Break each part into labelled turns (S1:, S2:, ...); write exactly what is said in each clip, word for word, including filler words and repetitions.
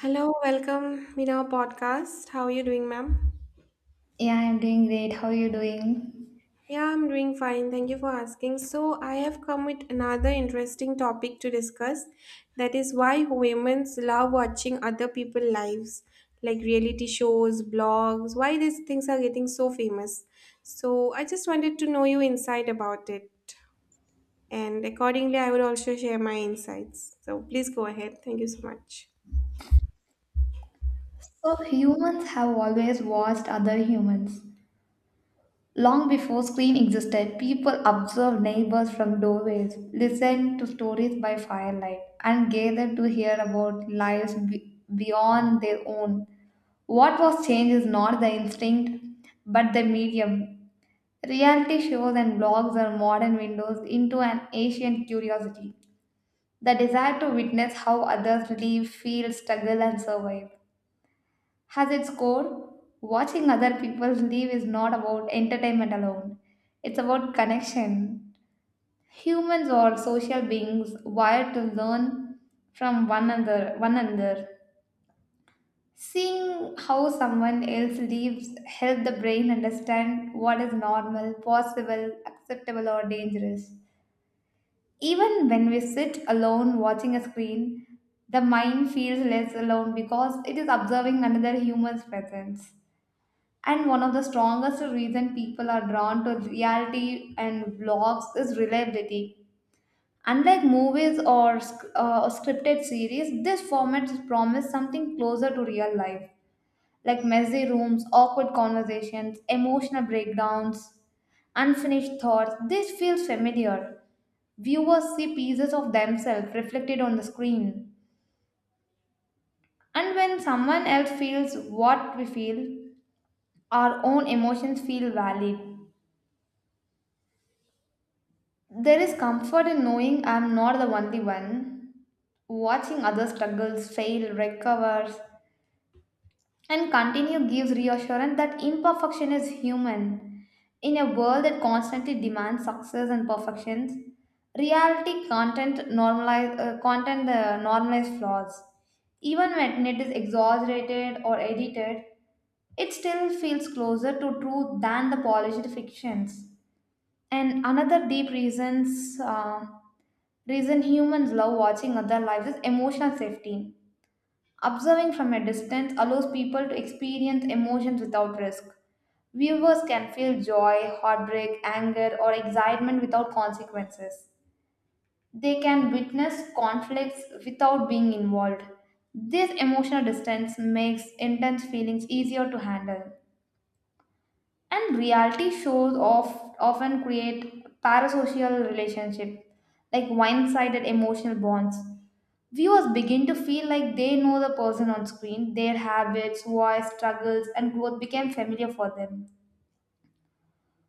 S1: Hello, welcome in our podcast. How are you doing, ma'am?
S2: Yeah, I'm doing great. How are you doing?
S1: Yeah, I'm doing fine. Thank you for asking. So, I have come with another interesting topic to discuss that is why women love watching other people's lives, like reality shows, blogs, why these things are getting so famous. So, I just wanted to know your insight about it, and accordingly, I will also share my insights. So, please go ahead. Thank you so much.
S2: So, humans have always watched other humans. Long before screen existed, people observed neighbors from doorways, listened to stories by firelight, and gathered to hear about lives be- beyond their own. What was changed is not the instinct, but the medium. Reality shows and blogs are modern windows into an ancient curiosity, the desire to witness how others live, feel, struggle, and survive. Has its core, watching other people live is not about entertainment alone. It's about connection. Humans are social beings wired to learn from one another. One another. Seeing how someone else lives help the brain understand what is normal, possible, acceptable, or dangerous. Even when we sit alone watching a screen, the mind feels less alone because it is observing another human's presence. And one of the strongest reason people are drawn to reality and vlogs is reliability. Unlike movies or sc- uh, or scripted series, this format promise something closer to real life, like messy rooms, awkward conversations, emotional breakdowns, unfinished thoughts. This feels familiar. Viewers see pieces of themselves reflected on the screen. And when someone else feels what we feel, our own emotions feel valid. There is comfort in knowing I'm not the only one. Watching others struggles, fail, recover, and continue gives reassurance that imperfection is human. In a world that constantly demands success and perfections, reality content normalize uh, content uh, normalize flaws. Even when it is exaggerated or edited, it still feels closer to truth than the polished fictions. And another deep reasons uh, reason humans love watching other lives is emotional safety. Observing from a distance allows people to experience emotions without risk. Viewers can feel joy, heartbreak, anger, or excitement without consequences. They can witness conflicts without being involved. This emotional distance makes intense feelings easier to handle, and reality shows of, often create parasocial relationship like one-sided emotional bonds. Viewers begin to feel like they know the person on screen. Their habits, voice, struggles, and growth became familiar for them.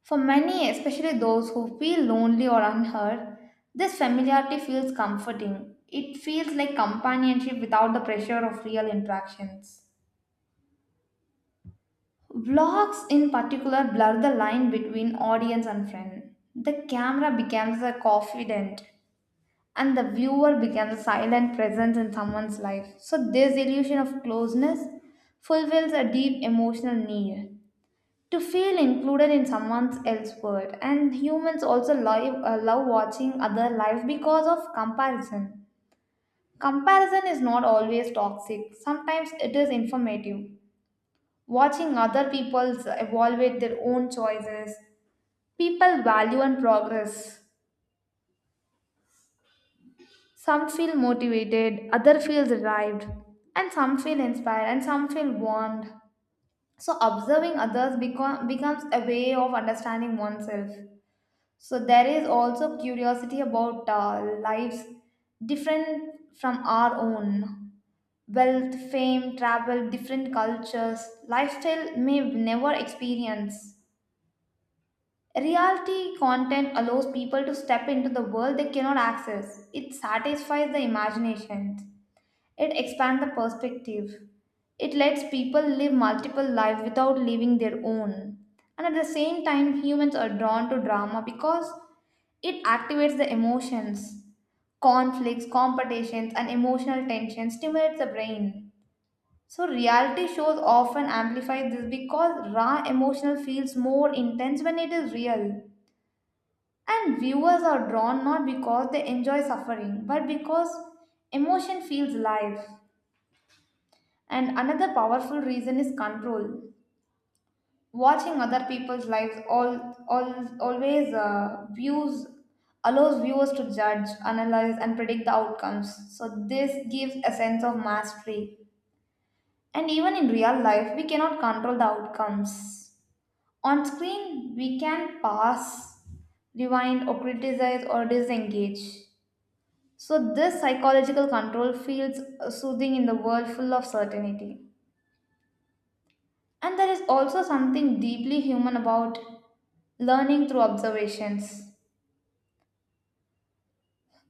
S2: For many, especially those who feel lonely or unheard, this familiarity feels comforting. It feels like companionship without the pressure of real interactions. Vlogs, in particular, blur the line between audience and friend. The camera becomes the confidant, and the viewer becomes a silent presence in someone's life. So, this illusion of closeness fulfills a deep emotional need to feel included in someone else's world. And humans also live, uh, love watching other life because of comparison. Comparison is not always toxic, sometimes it is informative. Watching other people evaluate their own choices, people value and progress. Some feel motivated, other feels arrived, and some feel inspired, and some feel warned. So observing others become, becomes a way of understanding oneself. So there is also curiosity about uh, lives different from our own. Wealth, fame, travel, different cultures, lifestyle may never experience. Reality content allows people to step into the world they cannot access. It satisfies the imagination. It expands the perspective. It lets people live multiple lives without living their own. And at the same time, humans are drawn to drama because it activates the emotions. Conflicts, competitions, and emotional tension stimulates the brain. So reality shows often amplify this because raw emotional feels more intense when it is real. And viewers are drawn not because they enjoy suffering, but because emotion feels live. And another powerful reason is control. Watching other people's lives all, all always uh, views allows viewers to judge, analyze, and predict the outcomes. So this gives a sense of mastery. And even in real life, we cannot control the outcomes. On screen, we can pass, rewind, or criticize or disengage. So, this psychological control feels uh, soothing in the world full of certainty. And there is also something deeply human about learning through observations.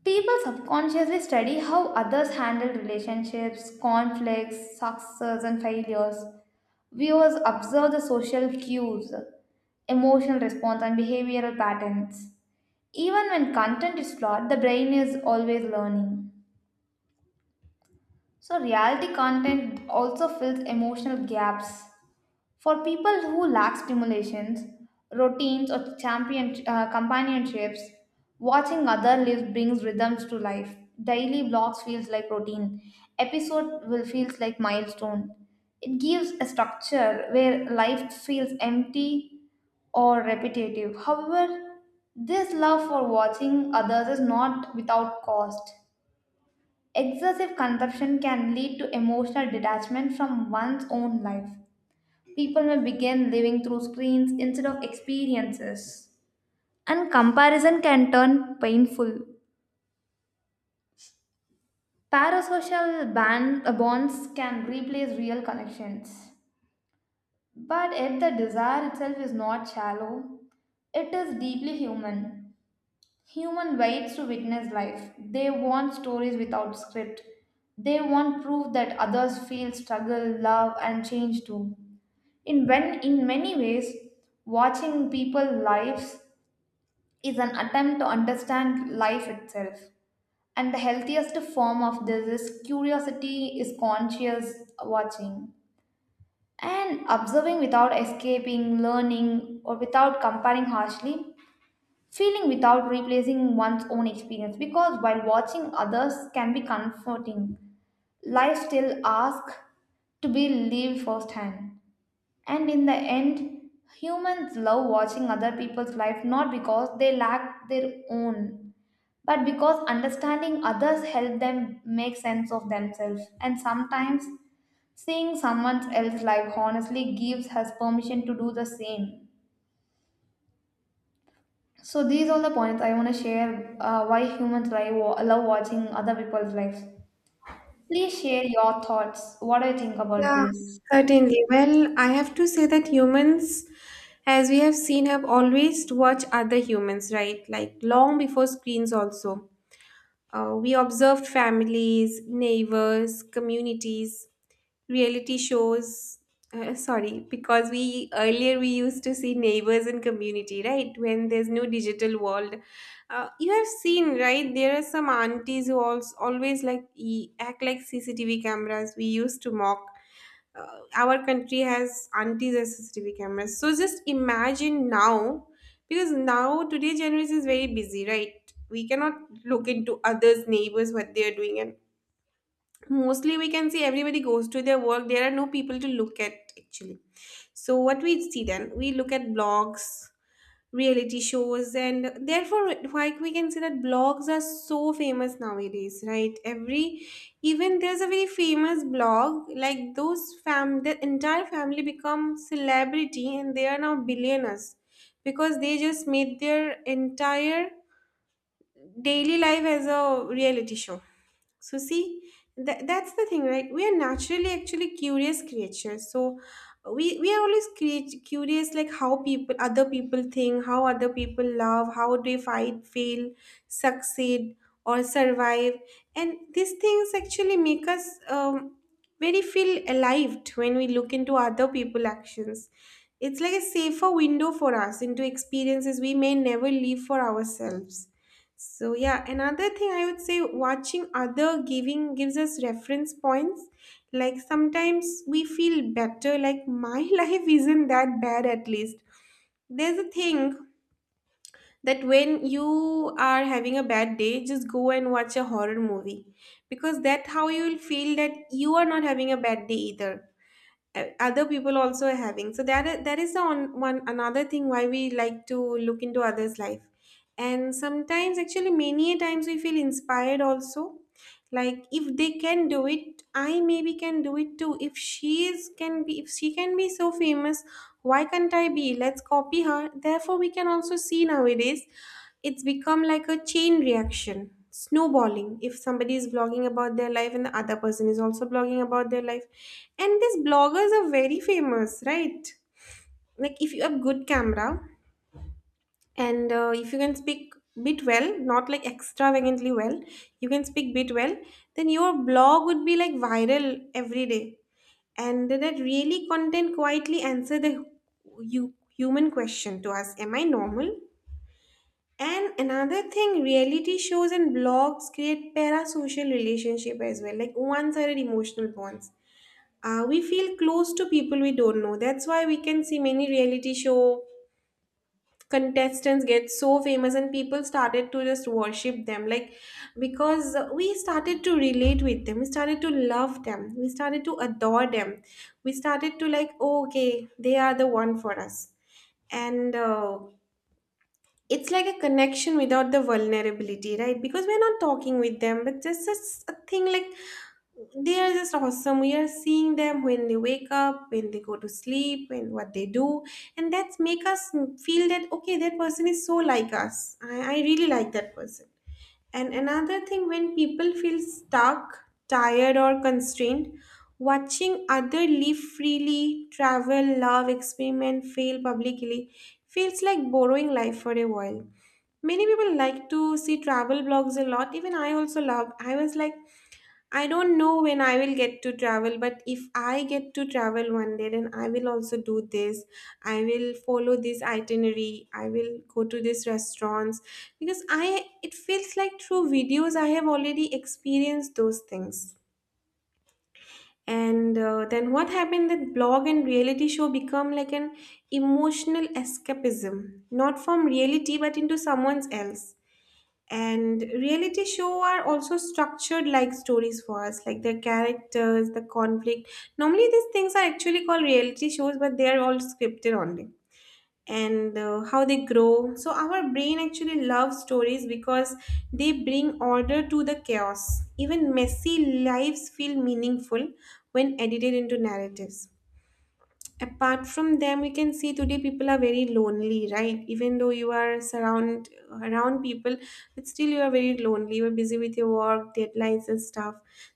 S2: People subconsciously study how others handle relationships, conflicts, successes, and failures. Viewers observe the social cues, emotional response, and behavioral patterns. Even when content is flawed, the brain is always learning. So, reality content also fills emotional gaps for people who lack stimulations, routines, or champion, uh, companionships, watching other live brings rhythms to life. Daily vlogs feels like routine. Episode will feels like milestone. It gives a structure where life feels empty or repetitive. However, this love for watching others is not without cost. Excessive consumption can lead to emotional detachment from one's own life. People may begin living through screens instead of experiences. And comparison can turn painful. Parasocial band, uh, bonds can replace real connections. But if the desire itself is not shallow, it is deeply human. Human waits to witness life. They want stories without script. They want proof that others feel struggle, love, and change too. In, when, in many ways, watching people's lives is an attempt to understand life itself. And the healthiest form of this is curiosity, is conscious watching. And observing without escaping, learning, or without comparing harshly, feeling without replacing one's own experience. Because while watching others can be comforting, life still asks to be lived firsthand. And in the end, humans love watching other people's life not because they lack their own, but because understanding others help them make sense of themselves. And sometimes seeing someone else's life honestly gives us permission to do the same. So these are the points I want to share, uh, why humans like wa- love watching other people's lives. Please share your thoughts. What do you think about
S1: Yeah,
S2: this?
S1: certainly. Well, I have to say that humans, as we have seen, have always watched other humans, right? Like long before screens, also. Uh, we observed families, neighbors, communities, reality shows. Uh, sorry, because we earlier we used to see neighbors and community, right? When there's no digital world, uh, you have seen, right? There are some aunties who also always like e- act like C C T V cameras. We used to mock uh, our country has anti C C T V cameras. So just imagine now, because now today generation is very busy, right? We cannot look into others' neighbors what they are doing, and mostly we can see everybody goes to their work. There are no people to look at actually. So what we see then, we look at blogs, reality shows, and therefore, like, we can see that blogs are so famous nowadays, right? Every, even there's a very famous blog, like those fam the entire family become celebrity and they are now billionaires because they just made their entire daily life as a reality show. So see, that, that's the thing, right? We are naturally actually curious creatures. So we we are always create curious, like how people, other people think, how other people love, how they fight, fail, succeed, or survive, and these things actually make us um, very feel alive when we look into other people' actions. It's like a safer window for us into experiences we may never leave for ourselves. So yeah, another thing I would say, watching other giving gives us reference points. Like sometimes we feel better, like my life isn't that bad, at least. There's a thing that when you are having a bad day, just go and watch a horror movie because that's how you will feel that you are not having a bad day either. Uh, other people also are having, so that i- that is the on one another thing why we like to look into others life. And sometimes actually many a times we feel inspired also, like if they can do it, I maybe can do it too. If she is can be, if she can be so famous, why can't I be? Let's copy her. Therefore we can also see nowadays it's become like a chain reaction, snowballing. If somebody is blogging about their life and the other person is also blogging about their life, and these bloggers are very famous, right? Like if you have good camera, and uh, if you can speak bit well, not like extravagantly well, you can speak bit well, then your blog would be like viral every day. And that really content quietly answer the you, human question to us, am I normal? And another thing, reality shows and blogs create parasocial relationship as well, like one-sided emotional bonds. Uh, we feel close to people we don't know. That's why we can see many reality show contestants get so famous and people started to just worship them, like because we started to relate with them, we started to love them, we started to adore them, we started to like, oh, okay, they are the one for us. And uh, it's like a connection without the vulnerability, right? Because we're not talking with them, but just, just a thing like they are just awesome. We are seeing them when they wake up, when they go to sleep, and what they do, and that's make us feel that, okay, that person is so like us. I, I really like that person. And another thing, when people feel stuck, tired, or constrained, watching other live freely, travel, love, experiment, fail publicly feels like borrowing life for a while. Many people like to see travel blogs a lot. Even I also love. I was like, I don't know when I will get to travel, but if I get to travel one day, then I will also do this. I will follow this itinerary. I will go to these restaurants because I, it feels like through videos I have already experienced those things. And uh, then what happened, that blog and reality show become like an emotional escapism, not from reality but into someone's else. And reality show are also structured like stories for us, like their characters, the conflict. Normally these things are actually called reality shows, but they are all scripted only. And uh, how they grow, so our brain actually loves stories because they bring order to the chaos. Even messy lives feel meaningful when edited into narratives. Apart from them, we can see today people are very lonely, right? Even though you are surround around people, but still you are very lonely, you're busy with your work deadlines and stuff.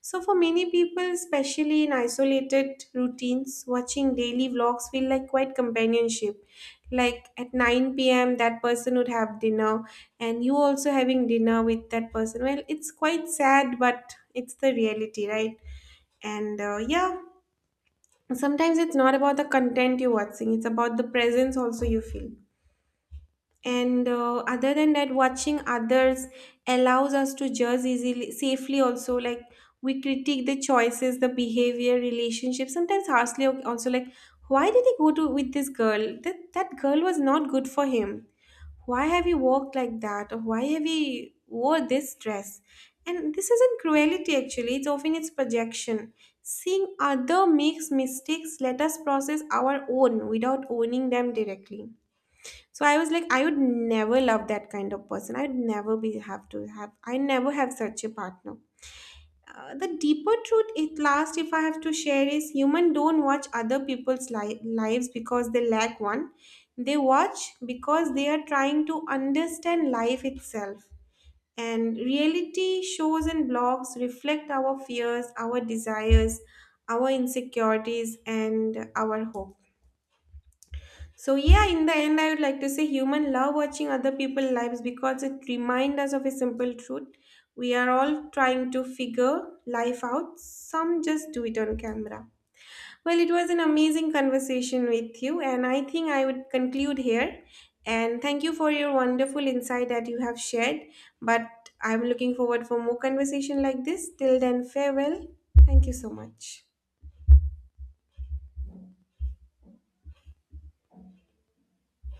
S1: So for many people, especially in isolated routines, watching daily vlogs feel like quite companionship. Like at nine p m that person would have dinner, and you also having dinner with that person. Well, it's quite sad, but it's the reality, right? And uh, yeah, sometimes it's not about the content you're watching, it's about the presence also you feel. And uh, other than that, watching others allows us to judge easily, safely also. Like we critique the choices, the behavior, relationships, sometimes harshly al- also. Like, why did he go to with this girl? That that girl was not good for him. Why have you walked like that, or why have you wore this dress? And this isn't cruelty actually, it's often it's projection. Seeing other makes mistakes let us process our own without owning them directly. So I was like, I would never love that kind of person, I'd never be have to have, I never have such a partner. Uh, the deeper truth at last, if I have to share, is human don't watch other people's li- lives because they lack one. They watch because they are trying to understand life itself. And reality shows and blogs reflect our fears, our desires, our insecurities, and our hopes. So yeah, in the end, I would like to say human love watching other people's lives because it reminds us of a simple truth. We are all trying to figure life out. Some just do it on camera. Well, it was an amazing conversation with you, and I think I would conclude here. And thank you for your wonderful insight that you have shared. But I'm looking forward for more conversation like this. Till then, farewell. Thank you so much.